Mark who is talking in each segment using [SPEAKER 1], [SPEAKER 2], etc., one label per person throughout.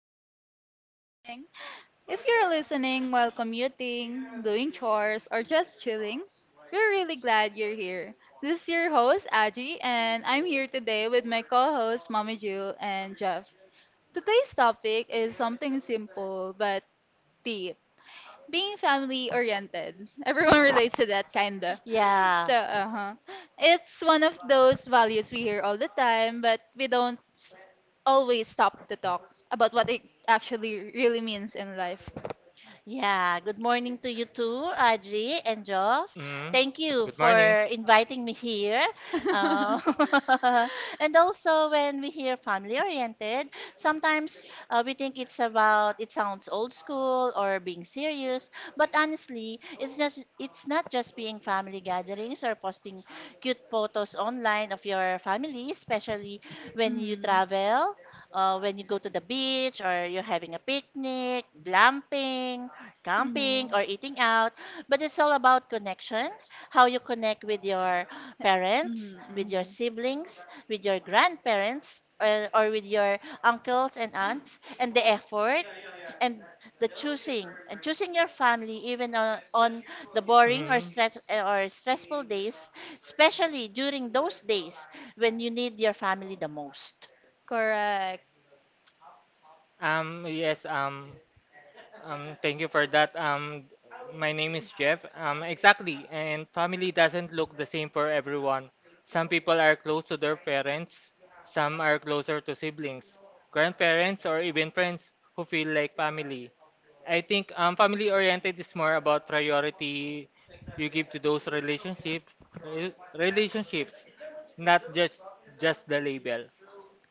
[SPEAKER 1] good morning. If you're listening while commuting, doing chores, or just chilling, we're really glad you're here. This is your host, Aji, and I'm here today with my co hosts, Mommy Jill and Jeff. Today's topic is something simple but deep being family oriented. Everyone relates to that, kinda.
[SPEAKER 2] Yeah.
[SPEAKER 1] So, uh-huh. It's one of those values we hear all the time, but we don't always stop to talk about what it actually really means in life.
[SPEAKER 2] Yeah, good morning to you too, Audrey and Geoff.
[SPEAKER 3] Mm.
[SPEAKER 2] Thank you
[SPEAKER 3] Good morning.
[SPEAKER 2] for inviting me here.
[SPEAKER 1] mm-hmm.
[SPEAKER 2] Uh, and also, when we hear family oriented, sometimes we think it sounds old school or being serious, but honestly, it's not just being family gatherings or posting cute photos online of your family, especially when you travel when you go to the beach or you're having a picnic, glamping, camping
[SPEAKER 1] Mm-hmm.
[SPEAKER 2] or eating out, but it's all about connection, how you connect with your parents, with your
[SPEAKER 1] Mm-hmm.
[SPEAKER 2] siblings, with your grandparents, or with your uncles and aunts, and the effort and the choosing and choosing your family even on the boring
[SPEAKER 3] Mm.
[SPEAKER 2] or stressful days, especially during those days when you need your family the most.
[SPEAKER 1] Correct.
[SPEAKER 3] Um, yes, um, thank you for that. My name is Jeff. Exactly. And family doesn't look the same for everyone. Some people are close to their parents, some are closer to siblings, grandparents, or even friends who feel like family. I think family oriented is more about priority you give to those relationships, not just just the label.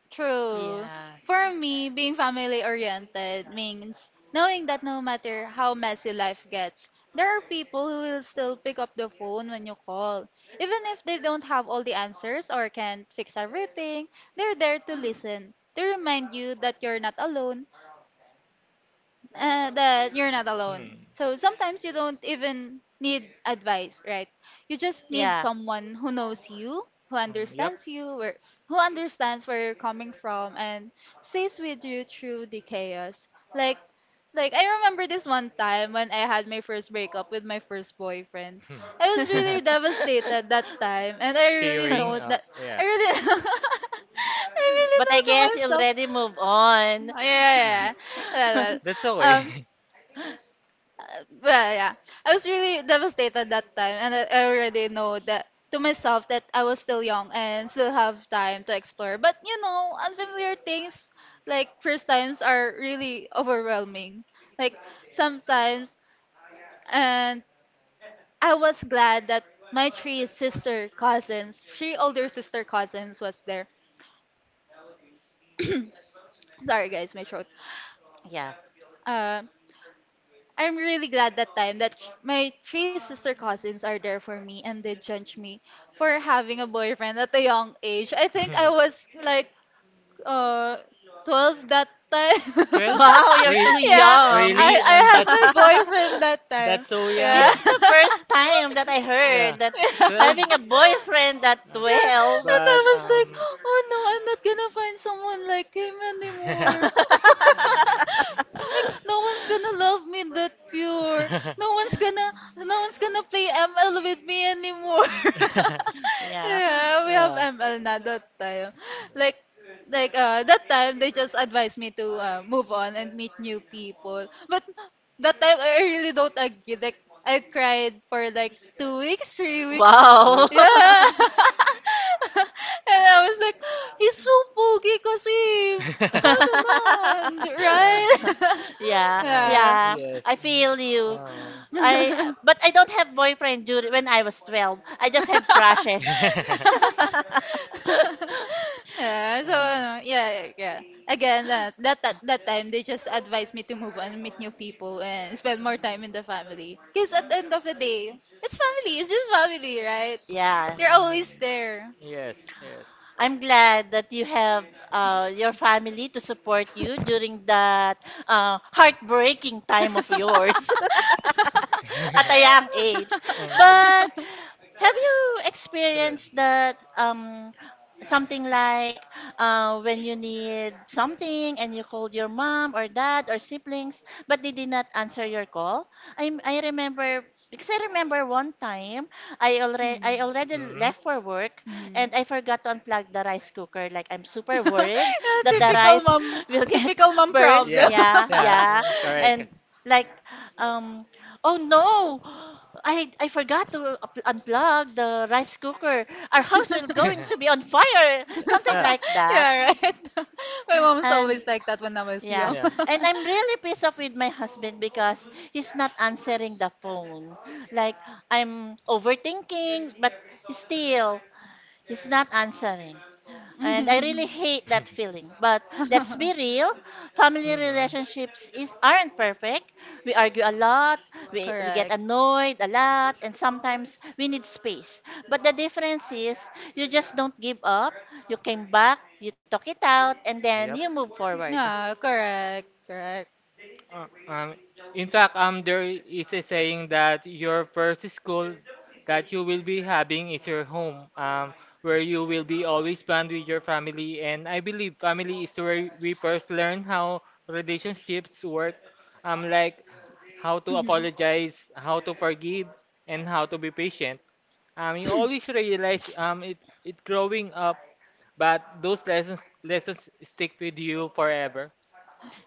[SPEAKER 1] True.
[SPEAKER 2] Yeah.
[SPEAKER 1] For me, being family oriented means knowing that no matter how messy life gets, there are people who will still pick up the phone when you call. Even if they don't have all the answers or can't fix everything, they're there to listen, to remind you that you're not alone.
[SPEAKER 3] Hmm.
[SPEAKER 1] So sometimes you don't even need advice, right? You just need
[SPEAKER 2] Yeah.
[SPEAKER 1] someone who knows you, who
[SPEAKER 3] Yep.
[SPEAKER 1] understands you, where who understands where you're coming from and stays with you through the chaos. Like like I remember this one time when I had my first breakup with my first boyfriend. I was really devastated that time and I really
[SPEAKER 3] Sharing.
[SPEAKER 1] know that I
[SPEAKER 3] Yeah.
[SPEAKER 1] really I really
[SPEAKER 2] But I
[SPEAKER 1] know to
[SPEAKER 2] guess you
[SPEAKER 1] myself.
[SPEAKER 2] already move on.
[SPEAKER 1] Yeah, yeah,
[SPEAKER 3] uh.
[SPEAKER 1] yeah. Well,
[SPEAKER 3] That's a
[SPEAKER 1] well.
[SPEAKER 3] way.
[SPEAKER 1] Um, uh, yeah. I was really devastated that time, and I already know that to myself that I was still young and still have time to explore. But you know, unfamiliar things like first times are really overwhelming. Like sometimes, and I was glad that my three sister cousins, three older sister cousins, was there. Sorry, guys, my throat.
[SPEAKER 2] Yeah.
[SPEAKER 1] Um, I'm really glad that time that my three sister cousins are there for me and they judge me for having a boyfriend at a young age. I think I was like uh 12 that time.
[SPEAKER 3] 12?
[SPEAKER 2] Wow, you're
[SPEAKER 3] Re
[SPEAKER 2] too
[SPEAKER 1] yeah, I
[SPEAKER 2] young.
[SPEAKER 3] Really?
[SPEAKER 1] I had my boyfriend that time.
[SPEAKER 3] That's so
[SPEAKER 1] Yeah.
[SPEAKER 2] This is
[SPEAKER 3] young.
[SPEAKER 2] the first time that I
[SPEAKER 3] Yeah.
[SPEAKER 2] heard that,
[SPEAKER 1] yeah.
[SPEAKER 3] 12?
[SPEAKER 2] having a boyfriend at
[SPEAKER 3] Uh,
[SPEAKER 1] Yeah,
[SPEAKER 2] 12.
[SPEAKER 1] and I
[SPEAKER 3] but
[SPEAKER 1] was like, oh no, I'm not gonna find someone like him anymore. like, no one's gonna love me that pure. No one's gonna, no one's gonna play ML with me anymore.
[SPEAKER 2] Yeah.
[SPEAKER 1] yeah, we have
[SPEAKER 3] uh,
[SPEAKER 1] ML now that time. Like, that time they just advised me to move on and meet new people. But that time I really don't agree. Like, I cried for like 2 weeks, 3 weeks
[SPEAKER 3] cool.
[SPEAKER 2] Wow.
[SPEAKER 1] yeah. and I was like, he's so pogi kasi. Ano na,
[SPEAKER 3] uh,
[SPEAKER 1] right?
[SPEAKER 2] Yeah,
[SPEAKER 3] uh,
[SPEAKER 1] yeah.
[SPEAKER 2] yeah.
[SPEAKER 3] yes.
[SPEAKER 2] I feel you.
[SPEAKER 3] Oh.
[SPEAKER 2] I But I don't have boyfriend during when I was 12. I just have crushes.
[SPEAKER 1] yeah, so
[SPEAKER 3] uh,
[SPEAKER 1] ano, yeah, yeah. yeah. Again, that time they just advised me to move on, meet new people, and spend more time in the family. Because at the end of the day, it's family. It's just family, right?
[SPEAKER 2] Yeah.
[SPEAKER 1] They're always
[SPEAKER 3] mm,
[SPEAKER 1] there.
[SPEAKER 3] yes, yes.
[SPEAKER 2] I'm glad that you have your family to support you during that heartbreaking time of yours at a young age.
[SPEAKER 3] uh,
[SPEAKER 2] But have you
[SPEAKER 3] True.
[SPEAKER 2] experienced that, something like when you need something and you called your mom or dad or siblings but they did not answer your call? I remember, because I remember one time I already
[SPEAKER 1] Mm,
[SPEAKER 2] I already
[SPEAKER 3] Mm-hmm.
[SPEAKER 2] left for work
[SPEAKER 1] mhm.
[SPEAKER 2] and I forgot to unplug the rice cooker. Like, I'm super worried
[SPEAKER 1] Yeah,
[SPEAKER 2] that the rice will get
[SPEAKER 1] typical mom
[SPEAKER 2] burned.
[SPEAKER 3] Yeah,
[SPEAKER 1] problem.
[SPEAKER 2] Yeah,
[SPEAKER 3] yeah,
[SPEAKER 2] yeah.
[SPEAKER 3] correct.
[SPEAKER 2] And like, um oh no! I forgot to unplug the rice cooker. Our house is going to be on fire, something
[SPEAKER 3] Yeah,
[SPEAKER 2] like that.
[SPEAKER 1] Yeah, right. My mom's
[SPEAKER 2] And,
[SPEAKER 1] always like that when I was
[SPEAKER 2] yeah,
[SPEAKER 1] young.
[SPEAKER 3] yeah.
[SPEAKER 2] and I'm really pissed off with my husband because he's not answering the phone. Like, I'm overthinking, but still, he's not answering. And I really
[SPEAKER 1] Mhm.
[SPEAKER 2] hate that feeling. But let's be real, family
[SPEAKER 3] Mm.
[SPEAKER 2] relationships is aren't perfect. We argue a lot, we get
[SPEAKER 1] Correct.
[SPEAKER 2] annoyed a lot, and sometimes we need space. But the difference is, you just don't give up, you came back, you talk it out, and then
[SPEAKER 3] Yep.
[SPEAKER 2] you move forward.
[SPEAKER 1] Yeah, correct. Correct.
[SPEAKER 3] Uh, um, in fact, there is a saying that your first school that you will be having is your home, where you will be always planned with your family. And I believe family is where we first learn how relationships work, like how to
[SPEAKER 1] Mhm.
[SPEAKER 3] apologize, how to forgive, and how to be patient. You always realize it growing up, but those lessons stick with you forever.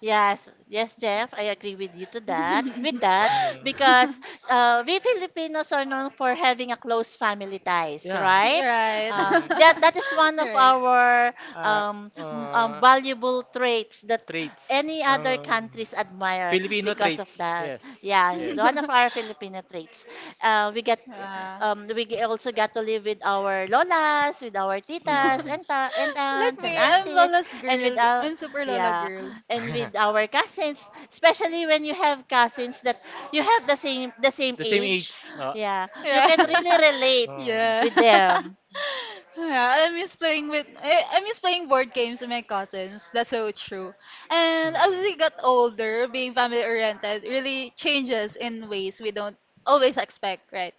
[SPEAKER 2] Yes, yes, Jeff, I agree with you to that. With that,
[SPEAKER 3] Mm.
[SPEAKER 2] because we Filipinos are known for having a close family ties,
[SPEAKER 3] Yeah.
[SPEAKER 2] right?
[SPEAKER 1] You're right.
[SPEAKER 2] Uh,
[SPEAKER 3] Mm.
[SPEAKER 2] that that is one
[SPEAKER 1] You're
[SPEAKER 2] of
[SPEAKER 1] right.
[SPEAKER 2] our
[SPEAKER 3] Uh, uh,
[SPEAKER 2] valuable traits that
[SPEAKER 3] Traits.
[SPEAKER 2] any other
[SPEAKER 3] Um,
[SPEAKER 2] countries admire
[SPEAKER 3] Filipino
[SPEAKER 2] because of
[SPEAKER 3] traits.
[SPEAKER 2] that.
[SPEAKER 3] Yes.
[SPEAKER 2] Yeah,
[SPEAKER 3] Yes.
[SPEAKER 2] one of our Filipino traits. We
[SPEAKER 1] Yeah.
[SPEAKER 2] also got to live with our lolas, with our titas
[SPEAKER 3] Mm.
[SPEAKER 2] and
[SPEAKER 1] Like
[SPEAKER 2] aunts and
[SPEAKER 1] me,
[SPEAKER 3] Mm.
[SPEAKER 1] I'm
[SPEAKER 2] aunties,
[SPEAKER 1] Lola's
[SPEAKER 2] and with
[SPEAKER 1] girl.
[SPEAKER 2] our,
[SPEAKER 1] I'm super Lola
[SPEAKER 2] yeah,
[SPEAKER 1] girl.
[SPEAKER 2] and with our cousins. Especially when you have cousins that you have the same
[SPEAKER 3] The same age.
[SPEAKER 2] age. Yeah, you
[SPEAKER 1] Yeah.
[SPEAKER 2] can
[SPEAKER 3] Yeah.
[SPEAKER 2] really relate
[SPEAKER 3] Mm.
[SPEAKER 1] yeah.
[SPEAKER 2] with them.
[SPEAKER 1] yeah. I miss playing with I miss playing board games with my cousins. That's so true. And as
[SPEAKER 3] Mm.
[SPEAKER 1] we got older, being family oriented really changes in ways we don't always expect, right?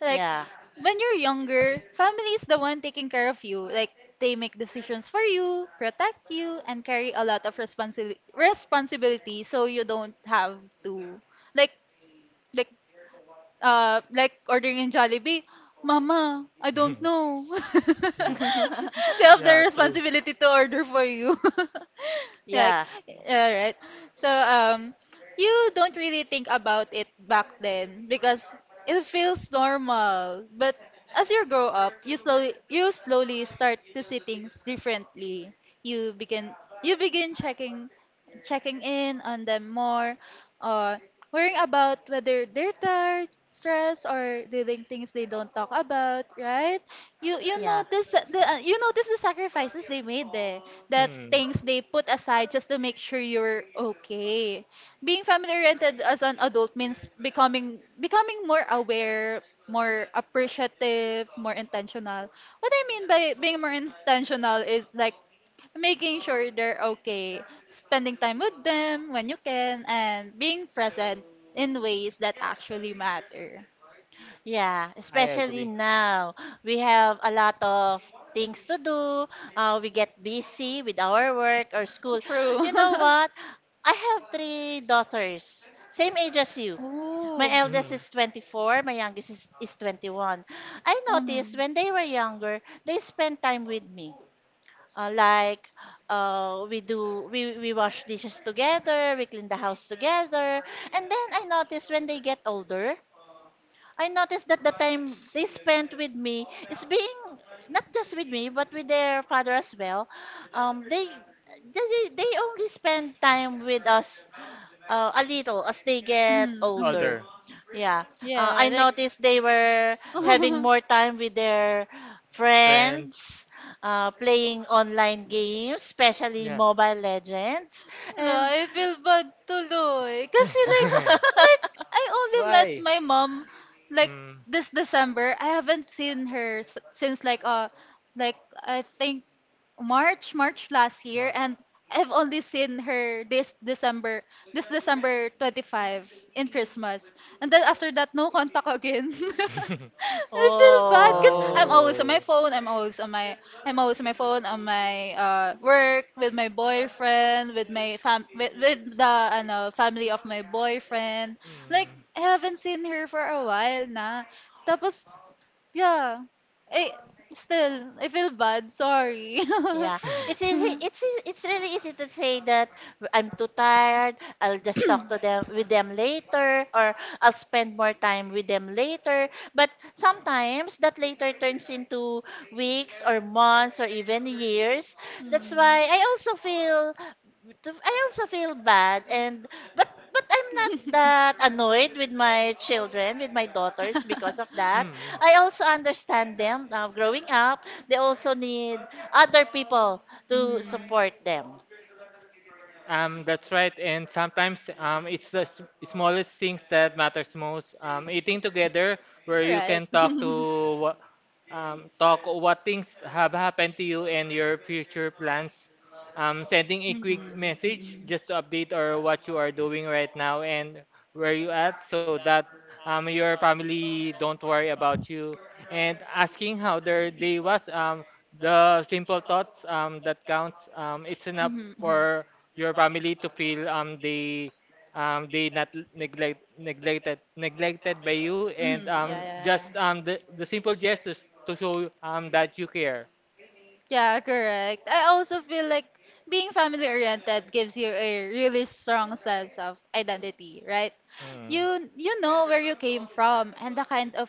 [SPEAKER 1] Like
[SPEAKER 2] Yeah,
[SPEAKER 1] when you're younger, family is the one taking care of you. Like they make decisions for you, protect you, and carry a lot of responsibility so you don't have to like like like ordering in Jollibee, Mama, I don't know.
[SPEAKER 3] Mm.
[SPEAKER 1] they have the
[SPEAKER 3] Yeah, true.
[SPEAKER 1] responsibility to order for you. like,
[SPEAKER 2] yeah.
[SPEAKER 1] all right. So, you don't really think about it back then because it feels normal. But as you grow up, you slowly start to see things differently. You begin you begin checking in on them more, or worrying about whether they're tired, stressed, or dealing things they don't talk about, right? You
[SPEAKER 2] Yeah.
[SPEAKER 1] notice the you notice the sacrifices they made there, the
[SPEAKER 3] Mm.
[SPEAKER 1] things they put aside just to make sure you're okay. Being family oriented as an adult means becoming more aware, more appreciative, more intentional. What I mean by being more intentional is like making sure they're okay, spending time with them when you can, and being present in ways that actually matter.
[SPEAKER 2] Yeah,
[SPEAKER 3] I
[SPEAKER 2] especially
[SPEAKER 3] agree.
[SPEAKER 2] now. We have a lot of things to do. We get busy with our work or school.
[SPEAKER 1] True.
[SPEAKER 2] You know what? I have three daughters, same age as you. My
[SPEAKER 1] oh.
[SPEAKER 2] eldest
[SPEAKER 3] Mm.
[SPEAKER 2] is 24, my youngest is 21. I noticed
[SPEAKER 1] Mm.
[SPEAKER 2] when they were younger, they spent time with me. Like, we wash dishes together, we clean the house together. And then I noticed when they get older, I noticed that the time they spent with me is being not just with me but with their father as well. Um, they they only spend time with us a little as they get
[SPEAKER 1] Mm, mm.
[SPEAKER 2] older.
[SPEAKER 3] Older,
[SPEAKER 2] Yeah, I
[SPEAKER 1] Yeah, like,
[SPEAKER 2] noticed they were
[SPEAKER 3] right?
[SPEAKER 2] having
[SPEAKER 1] la,
[SPEAKER 2] more time with their friends,
[SPEAKER 3] Friends.
[SPEAKER 2] playing online games, especially
[SPEAKER 3] Yeah.
[SPEAKER 2] Mobile Legends, and
[SPEAKER 1] I feel bad tuloy. I only met
[SPEAKER 3] Why?
[SPEAKER 1] my mom, like,
[SPEAKER 3] Mm.
[SPEAKER 1] this December. I haven't seen her since like, like, I think March, March last year,
[SPEAKER 3] Mark.
[SPEAKER 1] and I've only seen her this December, this December 25 in Christmas. And then after that, no contact again. I feel bad because I'm
[SPEAKER 2] oh.
[SPEAKER 1] always on my
[SPEAKER 3] Oh.
[SPEAKER 1] phone. I'm always on my phone on my work with my boyfriend with my with the ano, family of my boyfriend. Like
[SPEAKER 3] Mm.
[SPEAKER 1] I haven't seen her for a while na. Tapos yeah. Eh, still, I feel bad. Sorry.
[SPEAKER 2] Yeah, it's easy. It's really easy to say that I'm too tired. I'll just talk to them, with them later, or I'll spend more time with them later. But sometimes that later turns into weeks or months or even years. That's
[SPEAKER 1] Hmm.
[SPEAKER 2] why I also feel bad, and but I'm not that annoyed with my children, with my daughters, because of that. I also understand them. Now, growing up, they also need
[SPEAKER 3] Mm.
[SPEAKER 2] other people to
[SPEAKER 1] Mhm.
[SPEAKER 2] support them.
[SPEAKER 3] That's right. And sometimes it's the smallest things that matters most. Eating together, where you
[SPEAKER 1] Right.
[SPEAKER 3] can talk
[SPEAKER 1] Mm-mm,
[SPEAKER 3] to talk what things have happened to you and your future plans. Sending a quick message
[SPEAKER 1] mm-mm.
[SPEAKER 3] just to update or what you are doing right now and where you at, so that your family don't worry about you. And asking how their day was. The simple thoughts that counts. It's enough
[SPEAKER 1] Mhm, mhm. Mhm,
[SPEAKER 3] for your family to feel they not neglected by you, and
[SPEAKER 1] Yeah, yeah, yeah.
[SPEAKER 3] just the simple gestures to show that you care.
[SPEAKER 1] Yeah, correct. I also feel like being family oriented gives you a really strong sense of identity, right?
[SPEAKER 3] Mm.
[SPEAKER 1] You know where you came from and the kind of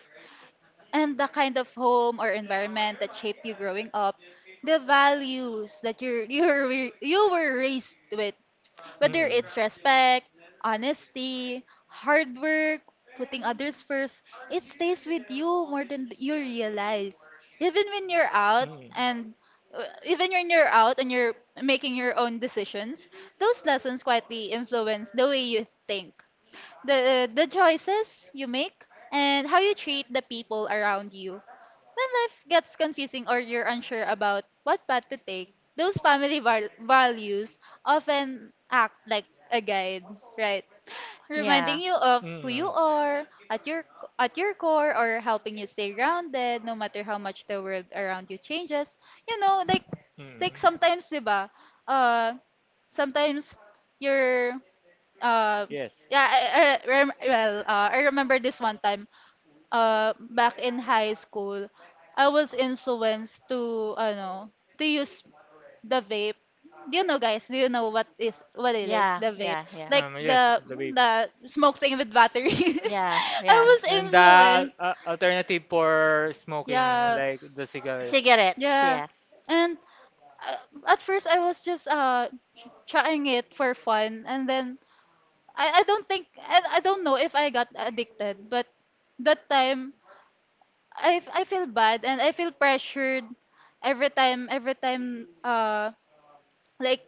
[SPEAKER 1] and the kind of home or environment that shaped you growing up, the values that you're you were raised with, whether
[SPEAKER 3] Mm.
[SPEAKER 1] it's respect, honesty, hard work, putting others first, it stays with you more than you realize. Even when you're out
[SPEAKER 3] Mm.
[SPEAKER 1] and Even when you're out and you're making your own decisions, those lessons quietly influence the way you think, the choices you make, and how you treat the people around you. When life gets confusing or you're unsure about what path to take, those family values often act like a guide, right?
[SPEAKER 2] Yeah,
[SPEAKER 1] Reminding you of who you
[SPEAKER 3] Mm.
[SPEAKER 1] are at your core or helping you stay grounded no matter how much the world around you changes. You know, like
[SPEAKER 3] Mm.
[SPEAKER 1] sometimes, 'di ba? Uh sometimes you're uh
[SPEAKER 3] Yes.
[SPEAKER 1] yeah, I remember this one time back in high school, I was influenced to, ano, to use the vape. Do you know, guys? Do you know what it is?
[SPEAKER 2] yeah,
[SPEAKER 1] The vape,
[SPEAKER 2] yeah, yeah,
[SPEAKER 1] like
[SPEAKER 3] Yes,
[SPEAKER 1] the
[SPEAKER 3] the vape.
[SPEAKER 1] smoke thing with battery.
[SPEAKER 2] yeah,
[SPEAKER 1] I
[SPEAKER 2] yeah.
[SPEAKER 1] was
[SPEAKER 3] And the
[SPEAKER 1] influenced.
[SPEAKER 3] alternative for smoking,
[SPEAKER 1] Yeah,
[SPEAKER 3] like the cigarette.
[SPEAKER 2] Cigarettes,
[SPEAKER 1] yeah.
[SPEAKER 2] yeah.
[SPEAKER 1] And at first, I was just trying it for fun, and then I don't know if I got addicted, but that time I feel bad and I feel pressured every time like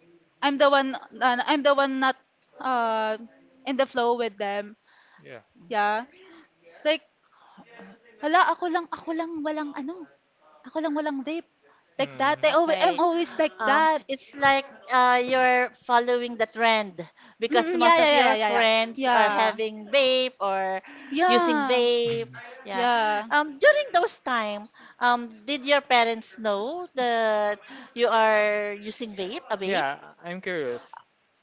[SPEAKER 1] I'm the one not uh in the flow with them.
[SPEAKER 3] Yeah.
[SPEAKER 1] Yeah. Like hala ako lang walang ano. Ako lang walang vape. Like
[SPEAKER 3] Mm.
[SPEAKER 1] that. I'm
[SPEAKER 2] Okay.
[SPEAKER 1] always like that.
[SPEAKER 2] It's like, you're following the trend because
[SPEAKER 1] Mm, yeah,
[SPEAKER 2] most
[SPEAKER 1] yeah,
[SPEAKER 2] of
[SPEAKER 1] yeah, yeah,
[SPEAKER 2] your
[SPEAKER 1] yeah, yeah.
[SPEAKER 2] friends are
[SPEAKER 1] Yeah.
[SPEAKER 2] having vape or using
[SPEAKER 1] Yeah.
[SPEAKER 2] vape. Yeah.
[SPEAKER 1] Yeah.
[SPEAKER 2] During those time, did your parents know that you are using vape, a vape?
[SPEAKER 3] Yeah, I'm curious.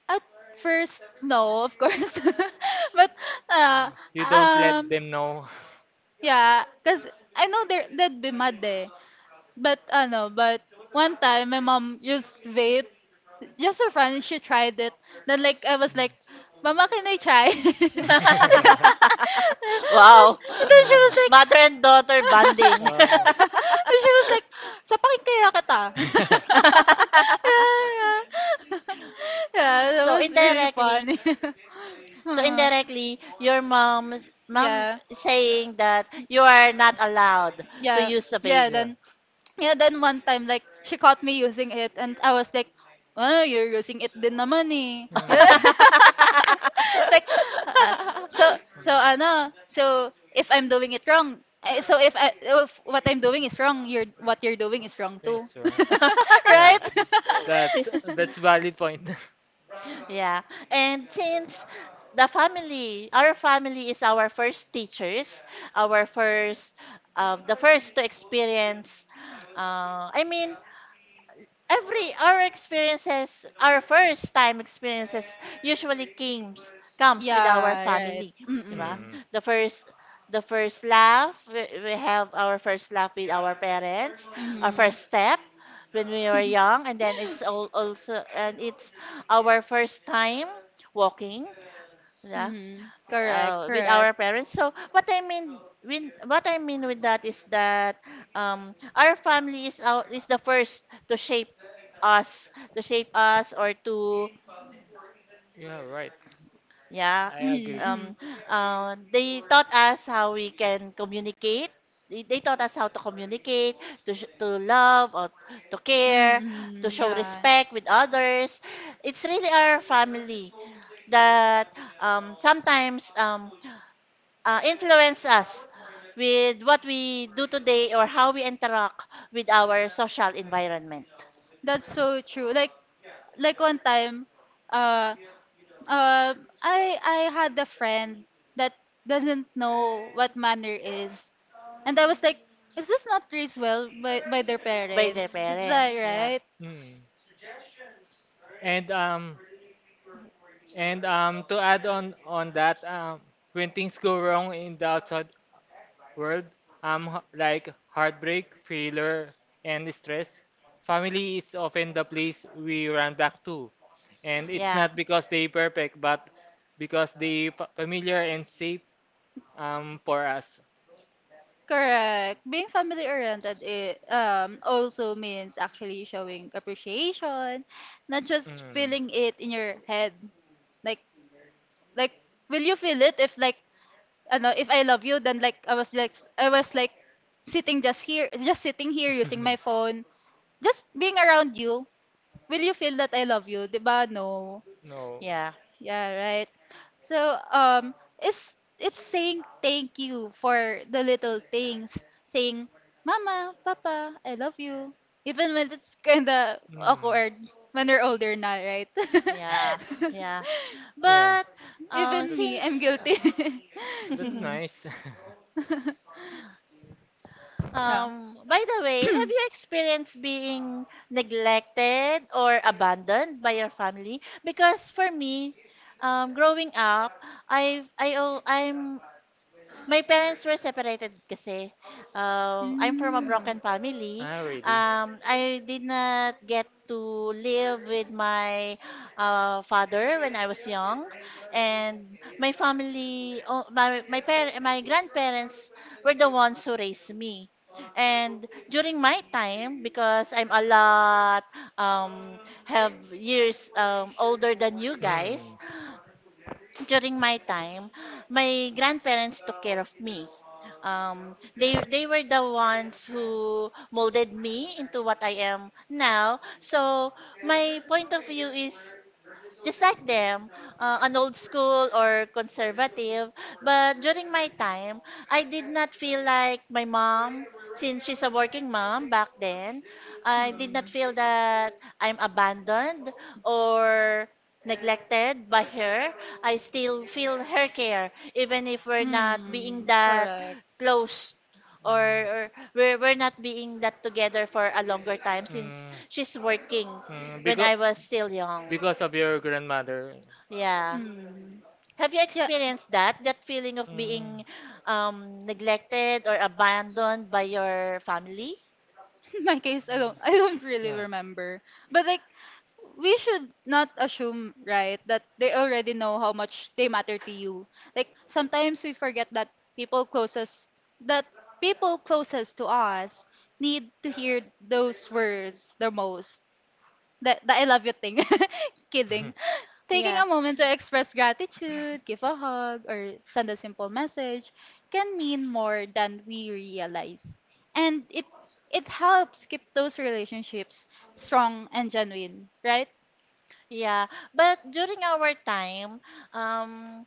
[SPEAKER 1] At first no, of course. but uh
[SPEAKER 3] You don't let
[SPEAKER 1] um
[SPEAKER 3] them know.
[SPEAKER 1] yeah, cuz I know they're, they'd be mad eh. But ano, but One time my mom used vape. Just for fun, she tried it. Then like I was
[SPEAKER 3] Mm.
[SPEAKER 1] like, Mama, can I try?
[SPEAKER 2] Wow.
[SPEAKER 1] And then she
[SPEAKER 3] Mm.
[SPEAKER 1] was like
[SPEAKER 2] Mother and daughter bonding.
[SPEAKER 3] Oh.
[SPEAKER 1] and she was like, Sapakin kaya kita. yeah, yeah. yeah, that
[SPEAKER 2] So
[SPEAKER 1] was really
[SPEAKER 2] indirectly,
[SPEAKER 1] funny.
[SPEAKER 2] so
[SPEAKER 1] Hmm.
[SPEAKER 2] indirectly, your mom's mom
[SPEAKER 1] yeah.
[SPEAKER 2] is saying that you are not allowed to
[SPEAKER 1] Yeah.
[SPEAKER 2] use a
[SPEAKER 1] Yeah,
[SPEAKER 2] vape.
[SPEAKER 3] Yeah.
[SPEAKER 1] then Yeah, then one time, like, she caught me using it, and I was like, oh, you're using it din naman eh. Yeah.
[SPEAKER 3] Mm.
[SPEAKER 1] like, ah, so,
[SPEAKER 3] Mm.
[SPEAKER 1] so, if I'm doing it wrong, if what I'm doing is wrong, what you're doing is wrong too.
[SPEAKER 3] Restaurant. Yeah.
[SPEAKER 1] right?
[SPEAKER 3] That's that's valid point.
[SPEAKER 2] Yeah. And since the family, our family is our first teachers, our first, the first to experience, I mean, our first time experiences usually comes with our
[SPEAKER 1] yeah, right.
[SPEAKER 2] family, di ba?
[SPEAKER 1] Mm-mm.
[SPEAKER 3] Mm.
[SPEAKER 2] The first the first laugh, we have our first laugh with our parents, our
[SPEAKER 1] Mm-hmm.
[SPEAKER 2] first step when we were young, and then it's all also and it's our first time walking, yeah,
[SPEAKER 1] mm-hmm. Correct,
[SPEAKER 2] with
[SPEAKER 1] correct.
[SPEAKER 2] our parents. So what I mean with that is that, our family is the first to shape us, or to,
[SPEAKER 3] Yeah, right.
[SPEAKER 2] yeah,
[SPEAKER 3] I agree.
[SPEAKER 1] Mm-hmm.
[SPEAKER 2] um,
[SPEAKER 1] Mm-hmm.
[SPEAKER 2] they taught us how we can communicate. They taught us how to communicate, to love, or to care, to
[SPEAKER 1] Mm-hmm,
[SPEAKER 2] show
[SPEAKER 1] Yeah.
[SPEAKER 2] respect with others. It's really our family that, sometimes, influence us with what we do today or how we interact with our social environment
[SPEAKER 1] That's so true. Like one time, uh, uh, I had a friend that doesn't know what manner is, and I was like, is this not raised well by their
[SPEAKER 2] by their
[SPEAKER 1] parents? Like,
[SPEAKER 2] parents. Yeah.
[SPEAKER 1] right?
[SPEAKER 3] Mm. And um and to add on that when things go wrong in the outside world. Like heartbreak, failure, and stress. Family is often the place we run back to, and it's
[SPEAKER 2] Yeah.
[SPEAKER 3] not because they perfect, but because they familiar and safe for us.
[SPEAKER 1] Correct. Being family oriented, it also means actually showing appreciation, not just
[SPEAKER 3] Mm.
[SPEAKER 1] feeling it in your head. Like, like, will you feel it if like, ano, if I love you, then I was like sitting just here, just sitting here using my phone just being around you, will you feel that I love you? 'Di ba? No.
[SPEAKER 3] No.
[SPEAKER 2] Yeah.
[SPEAKER 1] Yeah, right. So, um, it's saying thank you for the little things. Saying, Mama, Papa, I love you. Even when it's kinda
[SPEAKER 3] Mm. Mm.
[SPEAKER 1] awkward when we're older now, right?
[SPEAKER 2] Yeah. Yeah.
[SPEAKER 3] Yeah,
[SPEAKER 2] But
[SPEAKER 1] Even
[SPEAKER 3] that's
[SPEAKER 1] me, I'm
[SPEAKER 2] since
[SPEAKER 1] guilty.
[SPEAKER 3] that's
[SPEAKER 1] Hmm.
[SPEAKER 3] nice.
[SPEAKER 1] yeah.
[SPEAKER 2] um by the way, have you experienced being neglected or abandoned by your family? Because for me, growing up, I al- I'm my parents were separated kasi. I'm from a broken
[SPEAKER 1] Mm.
[SPEAKER 2] family.
[SPEAKER 3] Ah, really?
[SPEAKER 2] I did not get to live with my, father when I was young, and my family, oh, my par- my grandparents were the ones who raised me. And during my time, because I'm a lot, um, have years, older than you guys,
[SPEAKER 3] Mm.
[SPEAKER 2] during my time, my grandparents took care of me. They were the ones who molded me into what I am now. So my point of view is just like them, an old school or conservative. But during my time, I did not feel like my mom, since she's a working mom back then, I did not
[SPEAKER 1] Mm.
[SPEAKER 2] feel that I'm abandoned or neglected by her. I still feel her care, even if we're not being
[SPEAKER 1] Mm.
[SPEAKER 2] that
[SPEAKER 1] Correct.
[SPEAKER 2] close or,
[SPEAKER 3] Mm.
[SPEAKER 2] or we're not being that together for a longer time since
[SPEAKER 3] Mm.
[SPEAKER 2] she's working
[SPEAKER 3] Mm.
[SPEAKER 2] when I was still young.
[SPEAKER 3] Because of your grandmother.
[SPEAKER 2] Yeah.
[SPEAKER 1] Mm.
[SPEAKER 2] Have you
[SPEAKER 1] Yeah,
[SPEAKER 2] experienced that? That feeling of
[SPEAKER 3] Mm. Mm.
[SPEAKER 2] being, neglected or abandoned by your family?
[SPEAKER 1] my case alone. I don't really
[SPEAKER 3] Yeah.
[SPEAKER 1] remember. But like we should not assume, right, that they already know how much they matter to you. Like sometimes we forget that people closest that people closest to us need to hear those words the most. That the I love you thing. Kidding. Taking
[SPEAKER 2] Yeah.
[SPEAKER 1] a moment to express gratitude, give a hug, or send a simple message can mean more than we realize. And it helps keep those relationships strong and genuine, right?
[SPEAKER 2] Yeah. But during our time, um,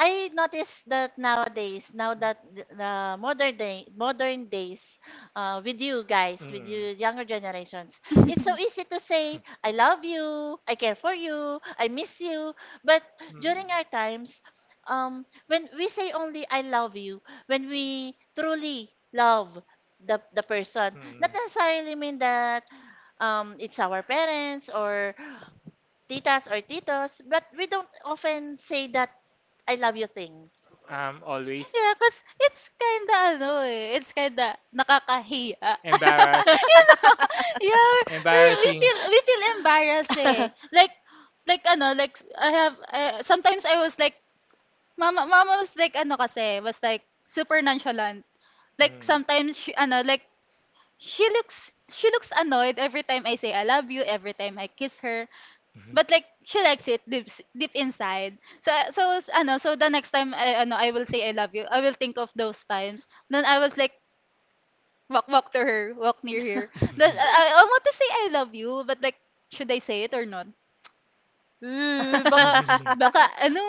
[SPEAKER 2] I noticed that nowadays, now that the modern days, with you guys, with
[SPEAKER 3] Mm.
[SPEAKER 2] you younger generations,
[SPEAKER 1] Yeah,
[SPEAKER 2] it's so easy to say, "I love you," "I care for you," "I miss you." But
[SPEAKER 3] Mm.
[SPEAKER 2] during our times, when we say only "I love you," when we truly love the person,
[SPEAKER 3] Mm.
[SPEAKER 2] not necessarily mean that, it's our parents or titas or titos, but we don't often say that "I love you" thing.
[SPEAKER 3] I'm always
[SPEAKER 1] cause it's kinda nakakahiya.
[SPEAKER 3] embarrassed,
[SPEAKER 1] you know? Yeah, we
[SPEAKER 3] embarrassing.
[SPEAKER 1] feel embarrassed eh. Like like I have sometimes I was like Mama mama, was like was like super nonchalant. Like
[SPEAKER 3] Mm.
[SPEAKER 1] sometimes she ano like she looks annoyed every time I say I love you, every time I kiss her. But like she likes it deep inside. So so s- ano so the next time I will say I love you, I will think of those times. Then I was like walk to her, walk near her. Then I want to say I love you, but like should I say it or not? Baka baka ano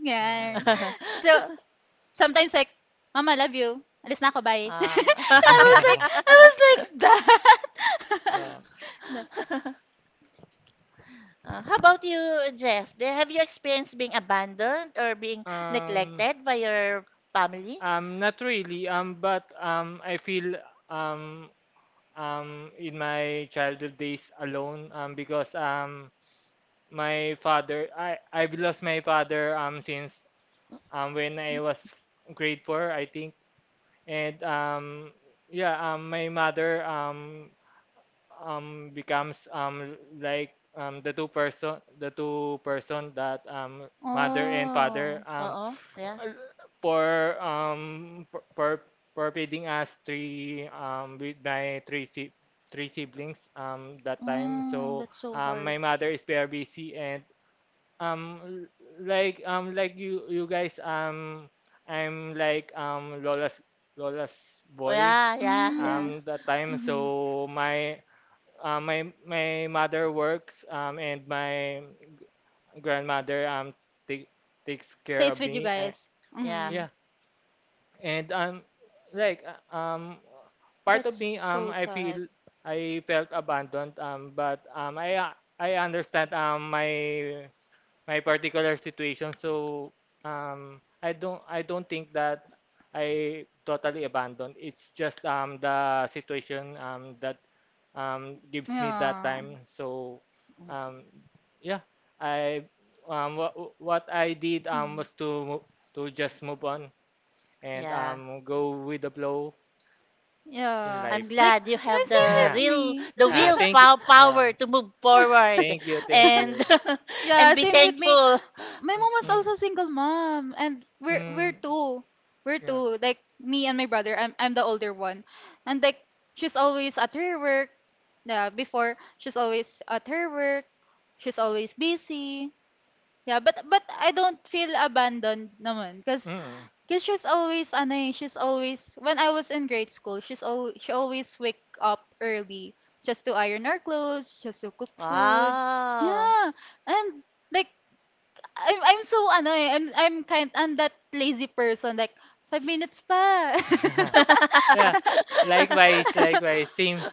[SPEAKER 1] yan.
[SPEAKER 3] Mm.
[SPEAKER 1] So sometimes like, Mom, I love you. Alis na ako, bye.
[SPEAKER 2] Ah.
[SPEAKER 1] I was like that. Yeah.
[SPEAKER 2] How about you, Jeff? Have you experienced being abandoned or being
[SPEAKER 3] Uh, um,
[SPEAKER 2] neglected by your family?
[SPEAKER 3] Not really. But I feel um, in my childhood days alone. Because My father, I've lost my father. Since When I was grade four, I think. And Yeah. My mother. Becomes like the two person that mother and father
[SPEAKER 1] Oh,
[SPEAKER 2] Oo, yeah.
[SPEAKER 3] uh, for for feeding us three with my three si three siblings that time,
[SPEAKER 1] mm,
[SPEAKER 3] so
[SPEAKER 1] that's so hard.
[SPEAKER 3] my mother is very busy, and um l- like you guys, I'm like Lola's
[SPEAKER 2] Oh,
[SPEAKER 3] boy
[SPEAKER 2] yeah, yeah, yeah.
[SPEAKER 1] Mm,
[SPEAKER 3] that time,
[SPEAKER 1] mm-hmm.
[SPEAKER 3] so my my my mother works, and my grandmother take, takes care
[SPEAKER 1] Stays
[SPEAKER 3] of
[SPEAKER 1] with you
[SPEAKER 3] me.
[SPEAKER 1] guys.
[SPEAKER 2] Yeah,
[SPEAKER 1] Mm,
[SPEAKER 3] Yeah, and like part of
[SPEAKER 1] that's
[SPEAKER 3] me
[SPEAKER 1] so
[SPEAKER 3] I
[SPEAKER 1] sad.
[SPEAKER 3] feel I felt abandoned, but I understand my my particular situation, so I don't think that I totally abandoned, it's just the situation that gives me that
[SPEAKER 1] Yeah.
[SPEAKER 3] time, so um yeah, I what what I did
[SPEAKER 1] Mm,
[SPEAKER 3] was to to just move on and
[SPEAKER 2] yeah.
[SPEAKER 3] go with the flow in
[SPEAKER 1] yeah.
[SPEAKER 3] life.
[SPEAKER 2] I'm
[SPEAKER 1] Like,
[SPEAKER 2] glad you
[SPEAKER 1] yeah,
[SPEAKER 2] have the
[SPEAKER 1] same with
[SPEAKER 2] real,
[SPEAKER 1] me.
[SPEAKER 2] the will
[SPEAKER 3] Thank you. Uh,
[SPEAKER 2] power to move forward
[SPEAKER 3] Thank you. Thank
[SPEAKER 2] and
[SPEAKER 3] you.
[SPEAKER 1] Yeah,
[SPEAKER 2] and be
[SPEAKER 1] same with me.
[SPEAKER 2] thankful.
[SPEAKER 1] My
[SPEAKER 3] Mm,
[SPEAKER 1] mom was
[SPEAKER 3] mm,
[SPEAKER 1] also single mom and we're
[SPEAKER 3] mm,
[SPEAKER 1] two, we're
[SPEAKER 3] yeah.
[SPEAKER 1] two like me and my brother. I'm the older one and like she's always at her work. Yeah, before she's always at her work, she's always busy. Yeah, but I don't feel abandoned naman because
[SPEAKER 3] Mm,
[SPEAKER 1] cause 'cause she's always she's always when I was in grade school she always wake up early just to iron her clothes, just to cook
[SPEAKER 3] yeah.
[SPEAKER 1] food.
[SPEAKER 2] Wow.
[SPEAKER 1] Yeah. And like I'm so I'm that lazy person like 5 minutes pa.
[SPEAKER 3] Yeah. Likewise. Likewise. Same.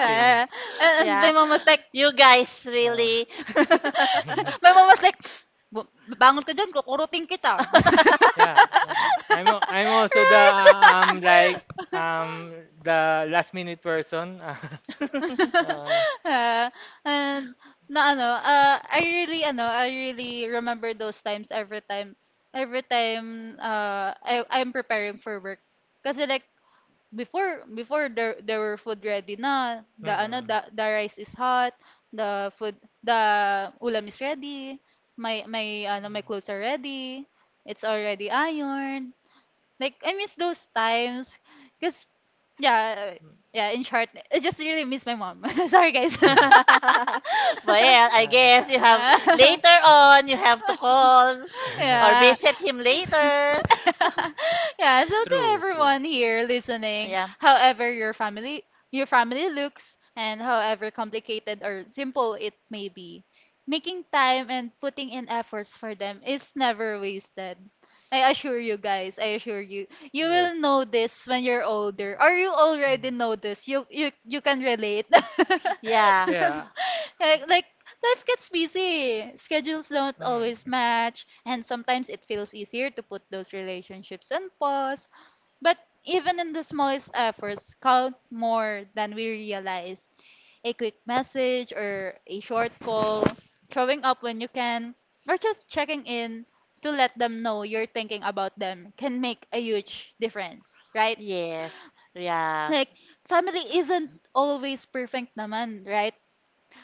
[SPEAKER 3] Same.
[SPEAKER 1] and my
[SPEAKER 2] Yeah,
[SPEAKER 1] mom was like
[SPEAKER 2] you guys
[SPEAKER 3] Uh,
[SPEAKER 2] really.
[SPEAKER 1] my mom was like, "Bu- Bangon ka dyan, kukurutin kita."
[SPEAKER 3] yeah. I'm also the
[SPEAKER 1] Right?
[SPEAKER 3] like um the last minute person. uh,
[SPEAKER 1] Yeah, and I really I really remember those times, every time, I'm preparing for work. Kasi like before there were food ready na,
[SPEAKER 3] mm,
[SPEAKER 1] the rice is hot, the food the ulam is ready, my clothes are ready, it's already ironed. Like I miss those times. Because yeah, yeah, in short, I just really miss my mom. Sorry, guys.
[SPEAKER 3] mm.
[SPEAKER 2] Well,
[SPEAKER 3] Uh,
[SPEAKER 2] I guess you have, later on you have to call or
[SPEAKER 1] Yeah.
[SPEAKER 2] visit him later.
[SPEAKER 1] Yeah, so to
[SPEAKER 3] true, true.
[SPEAKER 1] everyone here listening,
[SPEAKER 2] Yeah.
[SPEAKER 1] however your family looks and however complicated or simple it may be, making time and putting in efforts for them is never wasted. I assure you guys, I assure you. You
[SPEAKER 3] Yes.
[SPEAKER 1] will know this when you're older or you already
[SPEAKER 3] Mm.
[SPEAKER 1] know this. You you can relate.
[SPEAKER 2] Yeah.
[SPEAKER 3] Yeah.
[SPEAKER 1] Like life gets busy. Schedules don't
[SPEAKER 3] Mm.
[SPEAKER 1] always match, and sometimes it feels easier to put those relationships on pause. But even in the smallest efforts count more than we realize. A quick message or a short call, showing up when you can, or just checking in to let them know you're thinking about them can make a huge difference, right?
[SPEAKER 2] Yes. Yeah.
[SPEAKER 1] Like, family isn't always perfect naman, right?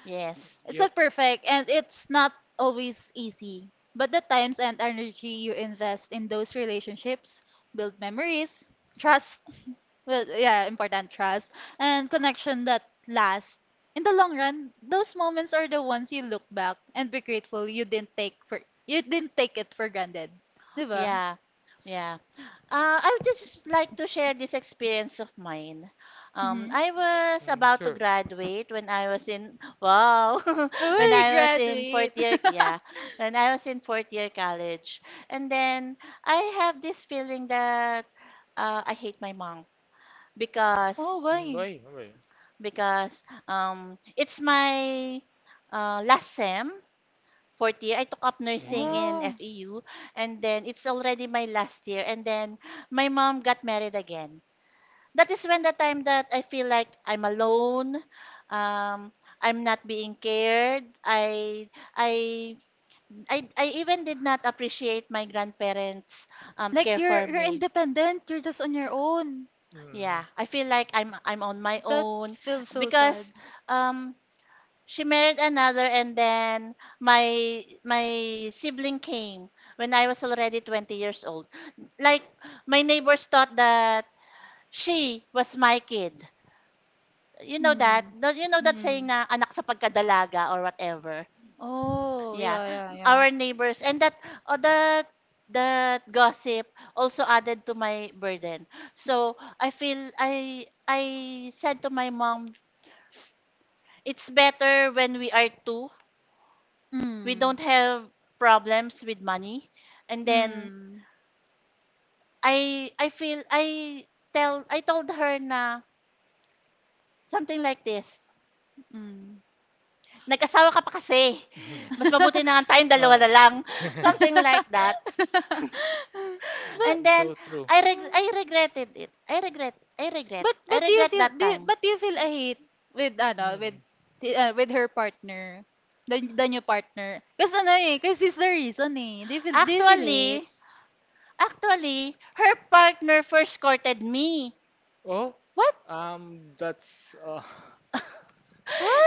[SPEAKER 2] Yes.
[SPEAKER 1] It's
[SPEAKER 3] Yep.
[SPEAKER 1] not perfect and it's not always easy. But the times and energy you invest in those relationships build memories, trust, well, yeah, important trust, and connection that last. In the long run, those moments are the ones you look back and be grateful you didn't take it for granted, ba?
[SPEAKER 2] Yeah. Yeah. I would just like to share this experience of mine.
[SPEAKER 1] Mm-hmm.
[SPEAKER 2] I was
[SPEAKER 3] Mm,
[SPEAKER 2] about to
[SPEAKER 3] sure.
[SPEAKER 2] graduate when I was in, wow, when
[SPEAKER 1] Uy,
[SPEAKER 2] I was in
[SPEAKER 1] graduate.
[SPEAKER 2] fourth year, when I was in fourth year college, and then I have this feeling that, I hate my mom because,
[SPEAKER 1] Oh,
[SPEAKER 3] Mm.
[SPEAKER 1] why?
[SPEAKER 3] Boy, boy.
[SPEAKER 2] because it's my, last sem, fourth year. I took up nursing
[SPEAKER 3] Mhm.
[SPEAKER 2] in
[SPEAKER 1] Wow.
[SPEAKER 2] FEU, and then it's already my last year. And then my mom got married again. That is when the time that I feel like I'm alone. Um, I'm not being cared. I I even did not appreciate my grandparents',
[SPEAKER 1] Like
[SPEAKER 2] care
[SPEAKER 1] you're
[SPEAKER 2] for me.
[SPEAKER 1] independent, you're just on your own.
[SPEAKER 3] Mhm.
[SPEAKER 2] Yeah, I feel like I'm on my
[SPEAKER 1] That
[SPEAKER 2] own
[SPEAKER 1] feels so sad.
[SPEAKER 2] because, um she married another and then my sibling came when I was already 20 years old. Like, my neighbors thought that she was my kid. You know that?
[SPEAKER 1] Mm.
[SPEAKER 2] Don't You know that saying,
[SPEAKER 1] Mm.
[SPEAKER 2] na anak sa pagkadalaga or whatever.
[SPEAKER 1] Oh,
[SPEAKER 2] Yeah.
[SPEAKER 1] yeah, yeah, yeah.
[SPEAKER 2] Our neighbors and that oh, that that gossip also added to my burden. So I feel I said to my mom, it's better when we are two, we
[SPEAKER 1] Mm.
[SPEAKER 2] don't have problems with money. And then
[SPEAKER 1] Mm.
[SPEAKER 2] I feel I tell I told her na something like this.
[SPEAKER 1] Mm.
[SPEAKER 2] Nag-asawa ka pa kasi.
[SPEAKER 3] Mhm.
[SPEAKER 2] Mas mabuti na nga tayong dalawa
[SPEAKER 3] Ah.
[SPEAKER 2] na lang. Something like that.
[SPEAKER 1] But
[SPEAKER 2] And
[SPEAKER 3] Mm,
[SPEAKER 2] then
[SPEAKER 3] so true.
[SPEAKER 2] I regretted it. I regret that time.
[SPEAKER 1] but do you feel a hate with ano with
[SPEAKER 3] Mm.
[SPEAKER 1] with her partner? The new partner. Kasi ano eh, kasi he's the reason eh. Do you feel hate?
[SPEAKER 2] Actually, actually, her partner first courted me.
[SPEAKER 3] Oh,
[SPEAKER 1] What?
[SPEAKER 3] that's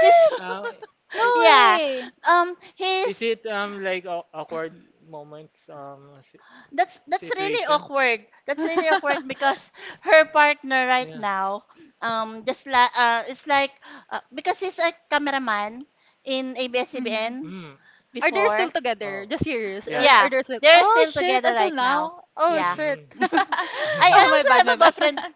[SPEAKER 2] His
[SPEAKER 3] uh,
[SPEAKER 1] No
[SPEAKER 3] it,
[SPEAKER 2] yeah.
[SPEAKER 1] way.
[SPEAKER 3] Is
[SPEAKER 2] His
[SPEAKER 3] it like awkward moments
[SPEAKER 2] That's really
[SPEAKER 3] situation?
[SPEAKER 2] awkward. That's really awkward because her partner right
[SPEAKER 3] Yeah.
[SPEAKER 2] now, just like it's like because he's a cameraman in
[SPEAKER 1] Hmm.
[SPEAKER 2] ABS-CBN
[SPEAKER 3] Mm.
[SPEAKER 1] Are they
[SPEAKER 3] Uh,
[SPEAKER 1] still
[SPEAKER 2] before.
[SPEAKER 3] oh.
[SPEAKER 1] together? Just curious.
[SPEAKER 3] Yeah.
[SPEAKER 1] Are
[SPEAKER 2] Yeah,
[SPEAKER 1] they still?
[SPEAKER 2] they're
[SPEAKER 1] Oh
[SPEAKER 2] still
[SPEAKER 1] shit!
[SPEAKER 2] together
[SPEAKER 1] Until
[SPEAKER 2] right now.
[SPEAKER 1] now? Oh
[SPEAKER 2] Yeah.
[SPEAKER 1] shit!
[SPEAKER 3] Mm.
[SPEAKER 2] I
[SPEAKER 1] Oh, my
[SPEAKER 2] also
[SPEAKER 1] bad,
[SPEAKER 2] have
[SPEAKER 1] my
[SPEAKER 2] a
[SPEAKER 1] bad.
[SPEAKER 2] boyfriend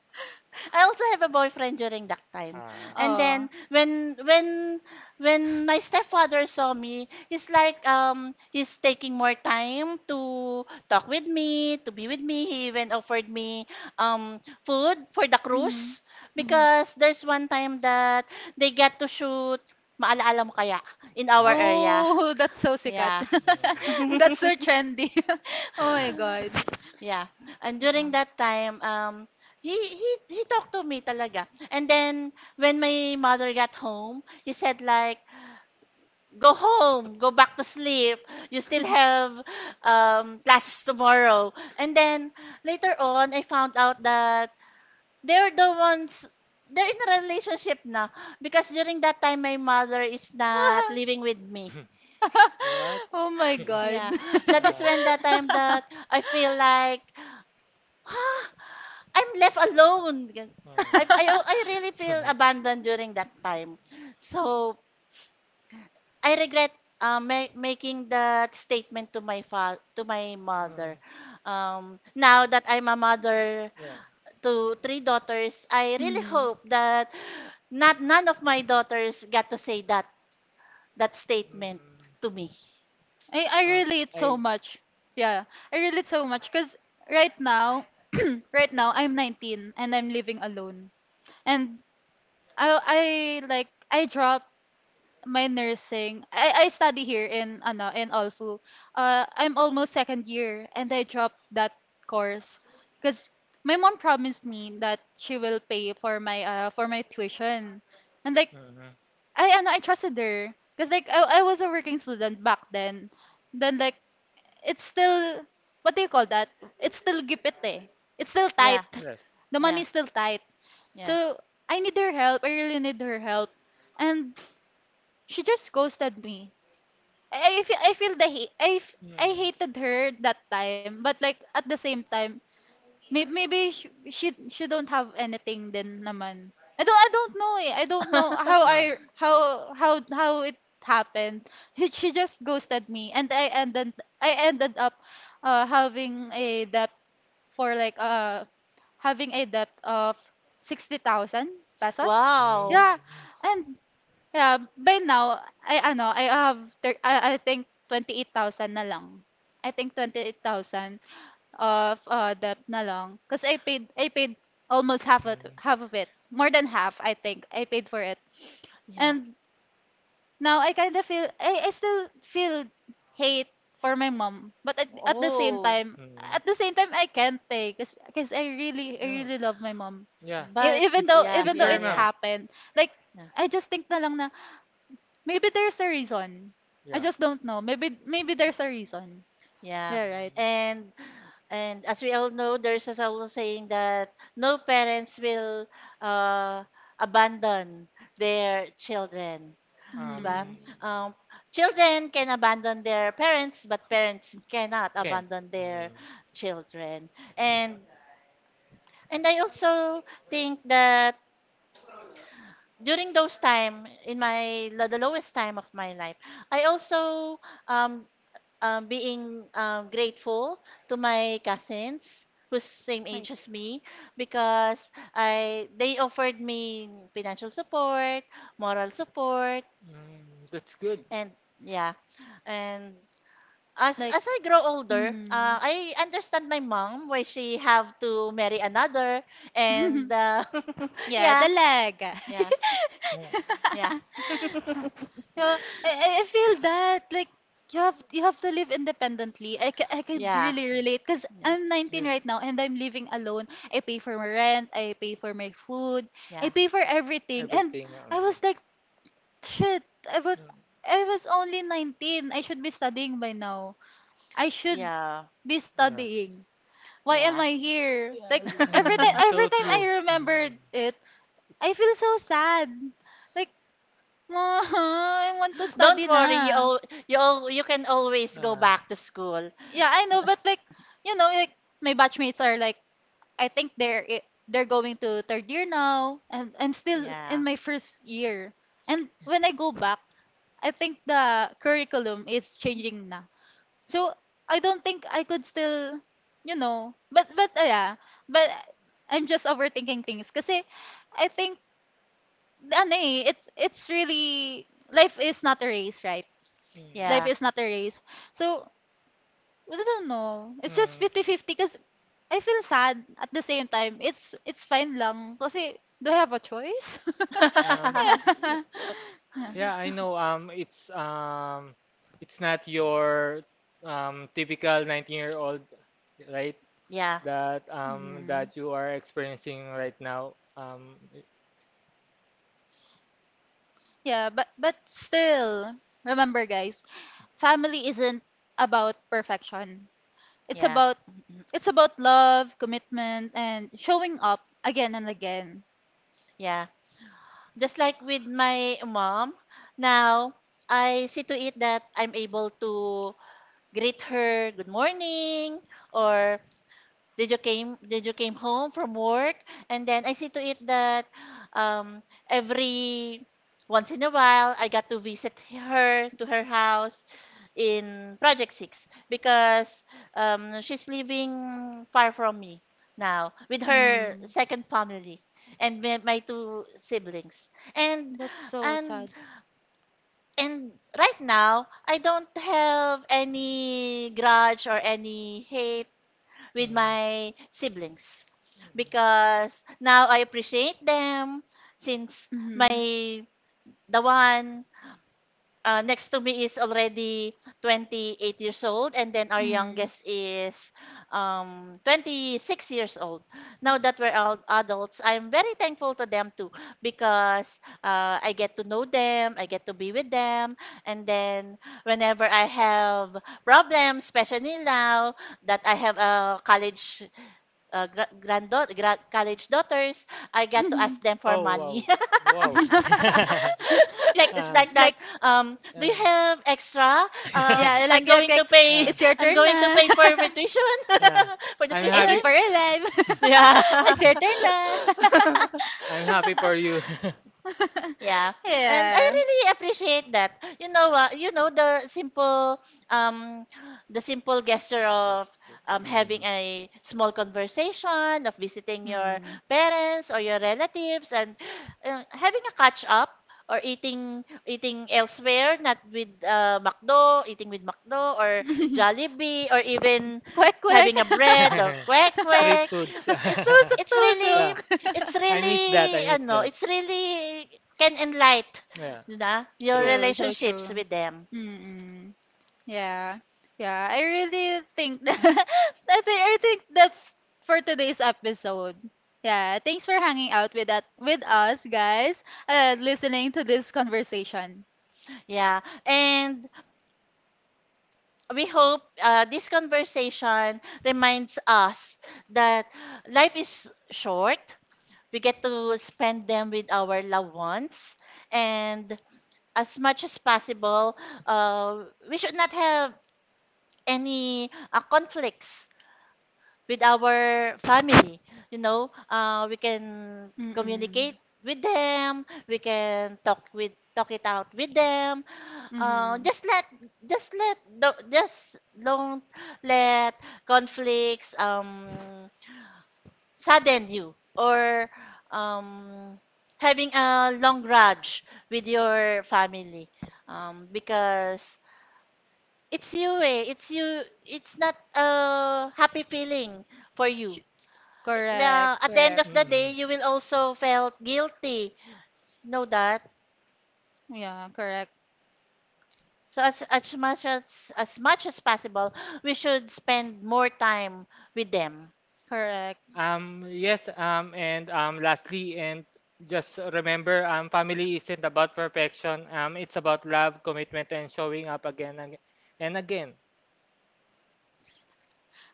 [SPEAKER 2] I also have a boyfriend during that time.
[SPEAKER 3] Ah.
[SPEAKER 2] And
[SPEAKER 1] Oh.
[SPEAKER 2] then when my stepfather saw me, he's like he's taking more time to talk with me, to be with me. He even offered me food for the
[SPEAKER 1] Mm-hmm.
[SPEAKER 2] cruise
[SPEAKER 1] Mm-hmm.
[SPEAKER 2] because there's one time that they get to shoot Maalaala Mo Kaya in our
[SPEAKER 3] Mm.
[SPEAKER 2] area.
[SPEAKER 1] Oh, that's so sikat.
[SPEAKER 2] Yeah.
[SPEAKER 3] Mm.
[SPEAKER 1] That's so trendy. Oh my god.
[SPEAKER 2] Yeah. And
[SPEAKER 1] Yeah.
[SPEAKER 2] during that time, he talked to me talaga. And then when my mother got home, he said like, "Go home, go back to sleep. You still have classes tomorrow." And then later on, I found out that they're the ones they're in a relationship now because during that time my mother is not living with me.
[SPEAKER 3] What?
[SPEAKER 1] Oh my god.
[SPEAKER 2] Yeah. That is
[SPEAKER 3] Ah.
[SPEAKER 2] when that time that I feel like, "Huh? I'm left alone.
[SPEAKER 3] Mm.
[SPEAKER 2] I really feel abandoned during that time. So I regret making that statement to to my
[SPEAKER 3] Mm,
[SPEAKER 2] mother. Now that I'm a mother
[SPEAKER 3] yeah.
[SPEAKER 2] to three daughters, I really
[SPEAKER 1] Mm.
[SPEAKER 2] hope that not none of my daughters got to say that that statement to
[SPEAKER 3] Mm.
[SPEAKER 2] me.
[SPEAKER 1] I
[SPEAKER 3] Um,
[SPEAKER 1] relate
[SPEAKER 3] I.
[SPEAKER 1] so much. Yeah, I relate so much because right now, right now I'm 19 and I'm living alone. And I dropped my nursing. I study here in ano in Alfu. I'm almost second year and I dropped that course because my mom promised me that she will pay for my tuition. And like
[SPEAKER 3] Hmm.
[SPEAKER 1] I trusted her because like I was a working student back then. Then like it's still what do you call that? It's still gipit eh. It's still tight.
[SPEAKER 2] Yeah,
[SPEAKER 3] Yes.
[SPEAKER 1] The
[SPEAKER 2] yeah,
[SPEAKER 1] money's still tight.
[SPEAKER 2] yeah.
[SPEAKER 1] So I need her help. I really need her help. And she just ghosted me. I feel the hate. I
[SPEAKER 3] Mm.
[SPEAKER 1] hated her that time, but like at the same time, Maybe she don't have anything then naman. I don't know eh. I don't know
[SPEAKER 3] Ah.
[SPEAKER 1] how how it happened. She just ghosted me and I ended up having a debt for like having a debt of 60,000 pesos.
[SPEAKER 2] Wow.
[SPEAKER 1] Yeah.
[SPEAKER 3] Mm.
[SPEAKER 1] And yeah, by now I have I think 28,000 na lang. I think 28,000 of debt na lang. Kasi I paid almost
[SPEAKER 3] Mm,
[SPEAKER 1] half of it. More than half, I think. I paid for it.
[SPEAKER 2] Yeah.
[SPEAKER 1] And now I kind of feel, I still feel hate for my mom. But at the same
[SPEAKER 2] Oh,
[SPEAKER 1] time, at
[SPEAKER 3] mm.
[SPEAKER 1] the same time, I can't take because I
[SPEAKER 3] Yeah,
[SPEAKER 1] really love my mom.
[SPEAKER 3] yeah.
[SPEAKER 2] but
[SPEAKER 3] It,
[SPEAKER 2] yeah,
[SPEAKER 1] Even
[SPEAKER 3] it's
[SPEAKER 1] though
[SPEAKER 2] yeah,
[SPEAKER 3] your
[SPEAKER 1] it
[SPEAKER 2] yeah,
[SPEAKER 3] mom.
[SPEAKER 1] happened, like,
[SPEAKER 2] yeah.
[SPEAKER 1] I just think na lang na, maybe there's a reason. I
[SPEAKER 3] Yeah.
[SPEAKER 1] just don't know. Maybe, maybe there's a reason.
[SPEAKER 2] Yeah.
[SPEAKER 1] Yeah, right.
[SPEAKER 2] And and as we all know, there's a old saying that no parents will uh, abandon their children.
[SPEAKER 3] Mm,
[SPEAKER 2] 'Di ba?
[SPEAKER 1] Hmm.
[SPEAKER 2] Um, children can abandon their parents, but parents cannot
[SPEAKER 3] can't.
[SPEAKER 2] abandon their
[SPEAKER 3] Mm,
[SPEAKER 2] children. And and I also think that during those time in the lowest time of my life, I also um, being grateful to my cousins who's same
[SPEAKER 1] Right.
[SPEAKER 2] age as me because I they offered me financial support, moral support,
[SPEAKER 3] mm, that's good.
[SPEAKER 2] and yeah, and as
[SPEAKER 1] Like,
[SPEAKER 2] as I grow older,
[SPEAKER 1] hmm.
[SPEAKER 2] I understand my mom why she have to marry another, and
[SPEAKER 1] Yeah,
[SPEAKER 2] yeah,
[SPEAKER 1] dalaga.
[SPEAKER 2] yeah,
[SPEAKER 3] Yeah,
[SPEAKER 2] yeah,
[SPEAKER 1] Yeah, I I feel that like you have to live independently. I could
[SPEAKER 2] yeah,
[SPEAKER 1] really relate because
[SPEAKER 2] yeah,
[SPEAKER 1] I'm
[SPEAKER 3] yeah.
[SPEAKER 1] 19 right now and I'm living alone. I pay for my rent, I pay for my food, I
[SPEAKER 2] yeah,
[SPEAKER 1] pay for everything. And
[SPEAKER 3] Everything.
[SPEAKER 1] I was like, shit,
[SPEAKER 3] Mm,
[SPEAKER 1] I was only 19. I should be studying by now. I should
[SPEAKER 2] yeah,
[SPEAKER 1] be
[SPEAKER 3] yeah.
[SPEAKER 1] studying. Why am
[SPEAKER 2] yeah.
[SPEAKER 1] I here? Like
[SPEAKER 3] Mm,
[SPEAKER 1] every
[SPEAKER 3] so
[SPEAKER 1] time I
[SPEAKER 3] true.
[SPEAKER 1] remembered it, I feel so sad. Like, "Ma, I want to
[SPEAKER 2] Don't
[SPEAKER 1] study
[SPEAKER 2] worry, you
[SPEAKER 1] na."
[SPEAKER 2] all, you all, you can always go
[SPEAKER 3] Uh,
[SPEAKER 2] back to school.
[SPEAKER 1] Yeah, I know, but like, you know, like my batchmates are like, I think they're going to third year now, and I'm still in
[SPEAKER 2] Yeah,
[SPEAKER 1] my first year. And when I go back, I think the curriculum is changing na. So I don't think I could still, you know, but yeah, but I'm just overthinking things. Kasi I think it's really life is not a race, right?
[SPEAKER 3] mm,
[SPEAKER 1] Life
[SPEAKER 2] yeah,
[SPEAKER 1] is not a race. So I don't know. It's just
[SPEAKER 3] mm.
[SPEAKER 1] fifty-fifty. Because I feel sad at the same time. It's fine lang kasi do I have a choice?
[SPEAKER 3] Um,
[SPEAKER 1] Yeah.
[SPEAKER 3] Yeah, I know. It's it's not your typical 19-year-old, right?
[SPEAKER 2] yeah, yeah,
[SPEAKER 3] That
[SPEAKER 1] Hmm.
[SPEAKER 3] that you are experiencing right now.
[SPEAKER 1] Yeah, but still, remember guys, family isn't about perfection. It's about
[SPEAKER 2] mhm,
[SPEAKER 1] love, commitment, and showing up again and again.
[SPEAKER 2] yeah. Just like with my mom, now I see to it that I'm able to greet her good morning or, "Did you came home from work?" And then I see to it that um every once in a while I got to visit her to her house in Project 6 because she's living far from me now with her
[SPEAKER 1] Mm,
[SPEAKER 2] second family and my two siblings. And
[SPEAKER 1] that's so
[SPEAKER 2] and
[SPEAKER 1] sad.
[SPEAKER 2] and right now I don't have any grudge or any hate
[SPEAKER 3] Mm.
[SPEAKER 2] with
[SPEAKER 3] Mm.
[SPEAKER 2] my siblings because now I appreciate them since
[SPEAKER 1] Mhm.
[SPEAKER 2] my the one next to me is already 28 years old and then our
[SPEAKER 1] Hmm.
[SPEAKER 2] youngest is 26 years old. Now that we're all adults, I'm very thankful to them too because I get to know them, I get to be with them, and then whenever I have problems, especially now that I have a college college daughters, I got to ask them for money.
[SPEAKER 3] Oh wow, wow.
[SPEAKER 1] like
[SPEAKER 2] It's
[SPEAKER 3] Uh,
[SPEAKER 2] like that.
[SPEAKER 1] like
[SPEAKER 3] uh,
[SPEAKER 2] Do you have extra?
[SPEAKER 1] yeah
[SPEAKER 2] I'm going
[SPEAKER 1] like
[SPEAKER 2] to pay.
[SPEAKER 3] uh,
[SPEAKER 1] it's your
[SPEAKER 2] I'm
[SPEAKER 1] turn
[SPEAKER 2] going to
[SPEAKER 1] na.
[SPEAKER 2] pay for my tuition,
[SPEAKER 3] yeah,
[SPEAKER 2] for the
[SPEAKER 3] I'm
[SPEAKER 1] I
[SPEAKER 2] tuition.
[SPEAKER 1] paid
[SPEAKER 3] happy.
[SPEAKER 1] for your life.
[SPEAKER 2] Yeah.
[SPEAKER 1] It's your turn na.
[SPEAKER 3] I'm happy for you. That's
[SPEAKER 2] Yeah. And I
[SPEAKER 1] Yeah.
[SPEAKER 2] really appreciate that. You know what? You know um the simple gesture of
[SPEAKER 3] true. Mm.
[SPEAKER 2] having a small conversation, of visiting your
[SPEAKER 1] Hmm.
[SPEAKER 2] parents or your relatives and having a catch up or eating elsewhere, not with McDo, eating with McDo or Jollibee or even
[SPEAKER 1] Quick, quick.
[SPEAKER 2] having a bread or kwek
[SPEAKER 3] Street
[SPEAKER 2] kwek.
[SPEAKER 3] foods.
[SPEAKER 2] It's
[SPEAKER 1] Tusok
[SPEAKER 2] it's
[SPEAKER 1] tusok.
[SPEAKER 2] really
[SPEAKER 3] Yeah,
[SPEAKER 2] it's
[SPEAKER 3] I miss that. I
[SPEAKER 2] really
[SPEAKER 3] miss
[SPEAKER 2] ano,
[SPEAKER 3] that.
[SPEAKER 2] it's really can enlight
[SPEAKER 3] Yeah,
[SPEAKER 2] na your
[SPEAKER 3] true.
[SPEAKER 1] True, so
[SPEAKER 2] relationships
[SPEAKER 1] true.
[SPEAKER 2] with them.
[SPEAKER 1] Mm. Yeah. Yeah, I really think that I think that's for today's episode. Yeah, thanks for hanging out with that with us guys and listening to this conversation.
[SPEAKER 2] Yeah. And we hope this conversation reminds us that life is short. We get to spend them with our loved ones. And as much as possible, uh, we should not have any conflicts with our family. You know, we can
[SPEAKER 1] Mm-mm.
[SPEAKER 2] communicate with them. We can talk it out with them. Uh,
[SPEAKER 1] Mm-hmm.
[SPEAKER 2] just let just don't let conflicts sadden you or um having a long grudge with your family because it's you, it's not a happy feeling for you,
[SPEAKER 1] Correct,
[SPEAKER 2] at the end
[SPEAKER 1] correct.
[SPEAKER 2] of the day,
[SPEAKER 3] Mm-mm.
[SPEAKER 2] you will also felt guilty. Know that.
[SPEAKER 1] Yeah, correct,
[SPEAKER 2] So as much as possible, we should spend more time with them.
[SPEAKER 1] correct.
[SPEAKER 3] Yes, and Lastly, and just remember, family isn't about perfection. It's about love, commitment, and showing up and again.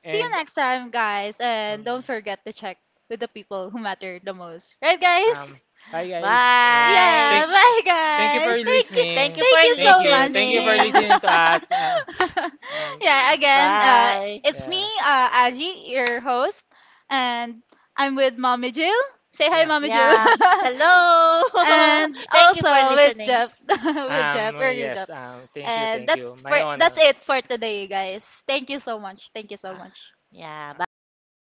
[SPEAKER 1] See you
[SPEAKER 3] And
[SPEAKER 1] next time, guys, and
[SPEAKER 3] mm,
[SPEAKER 1] don't forget to check with the people who matter the most. Right,
[SPEAKER 3] um,
[SPEAKER 1] guys?
[SPEAKER 3] bye guys. Uh,
[SPEAKER 1] Yeah,
[SPEAKER 2] Bye.
[SPEAKER 3] thank,
[SPEAKER 1] bye
[SPEAKER 3] Thank you
[SPEAKER 1] guys.
[SPEAKER 3] for
[SPEAKER 1] Thank you.
[SPEAKER 2] Thank
[SPEAKER 3] listening.
[SPEAKER 2] you for
[SPEAKER 1] Thank you
[SPEAKER 3] Thank
[SPEAKER 1] so
[SPEAKER 3] you. Thank you for
[SPEAKER 2] listening.
[SPEAKER 1] much.
[SPEAKER 3] listening to us. Um,
[SPEAKER 1] Yeah, again,
[SPEAKER 2] Bye.
[SPEAKER 1] it's me,
[SPEAKER 3] yeah,
[SPEAKER 1] Aji, your host, and I'm with Mommy Jill. Say hi,
[SPEAKER 3] yeah.
[SPEAKER 1] Mommy Jill.
[SPEAKER 2] Yeah. Hello.
[SPEAKER 1] And
[SPEAKER 2] Thank you for
[SPEAKER 1] also with
[SPEAKER 2] listening.
[SPEAKER 1] Jeff, with Jeff, we're with
[SPEAKER 3] Yes,
[SPEAKER 1] Jeff.
[SPEAKER 3] Thank you,
[SPEAKER 1] And
[SPEAKER 3] thank you. My
[SPEAKER 1] that's
[SPEAKER 3] honor.
[SPEAKER 1] it for today, guys. Thank you so much. Thank you so
[SPEAKER 3] Uh,
[SPEAKER 1] much.
[SPEAKER 2] Yeah. Bye.
[SPEAKER 3] Bye.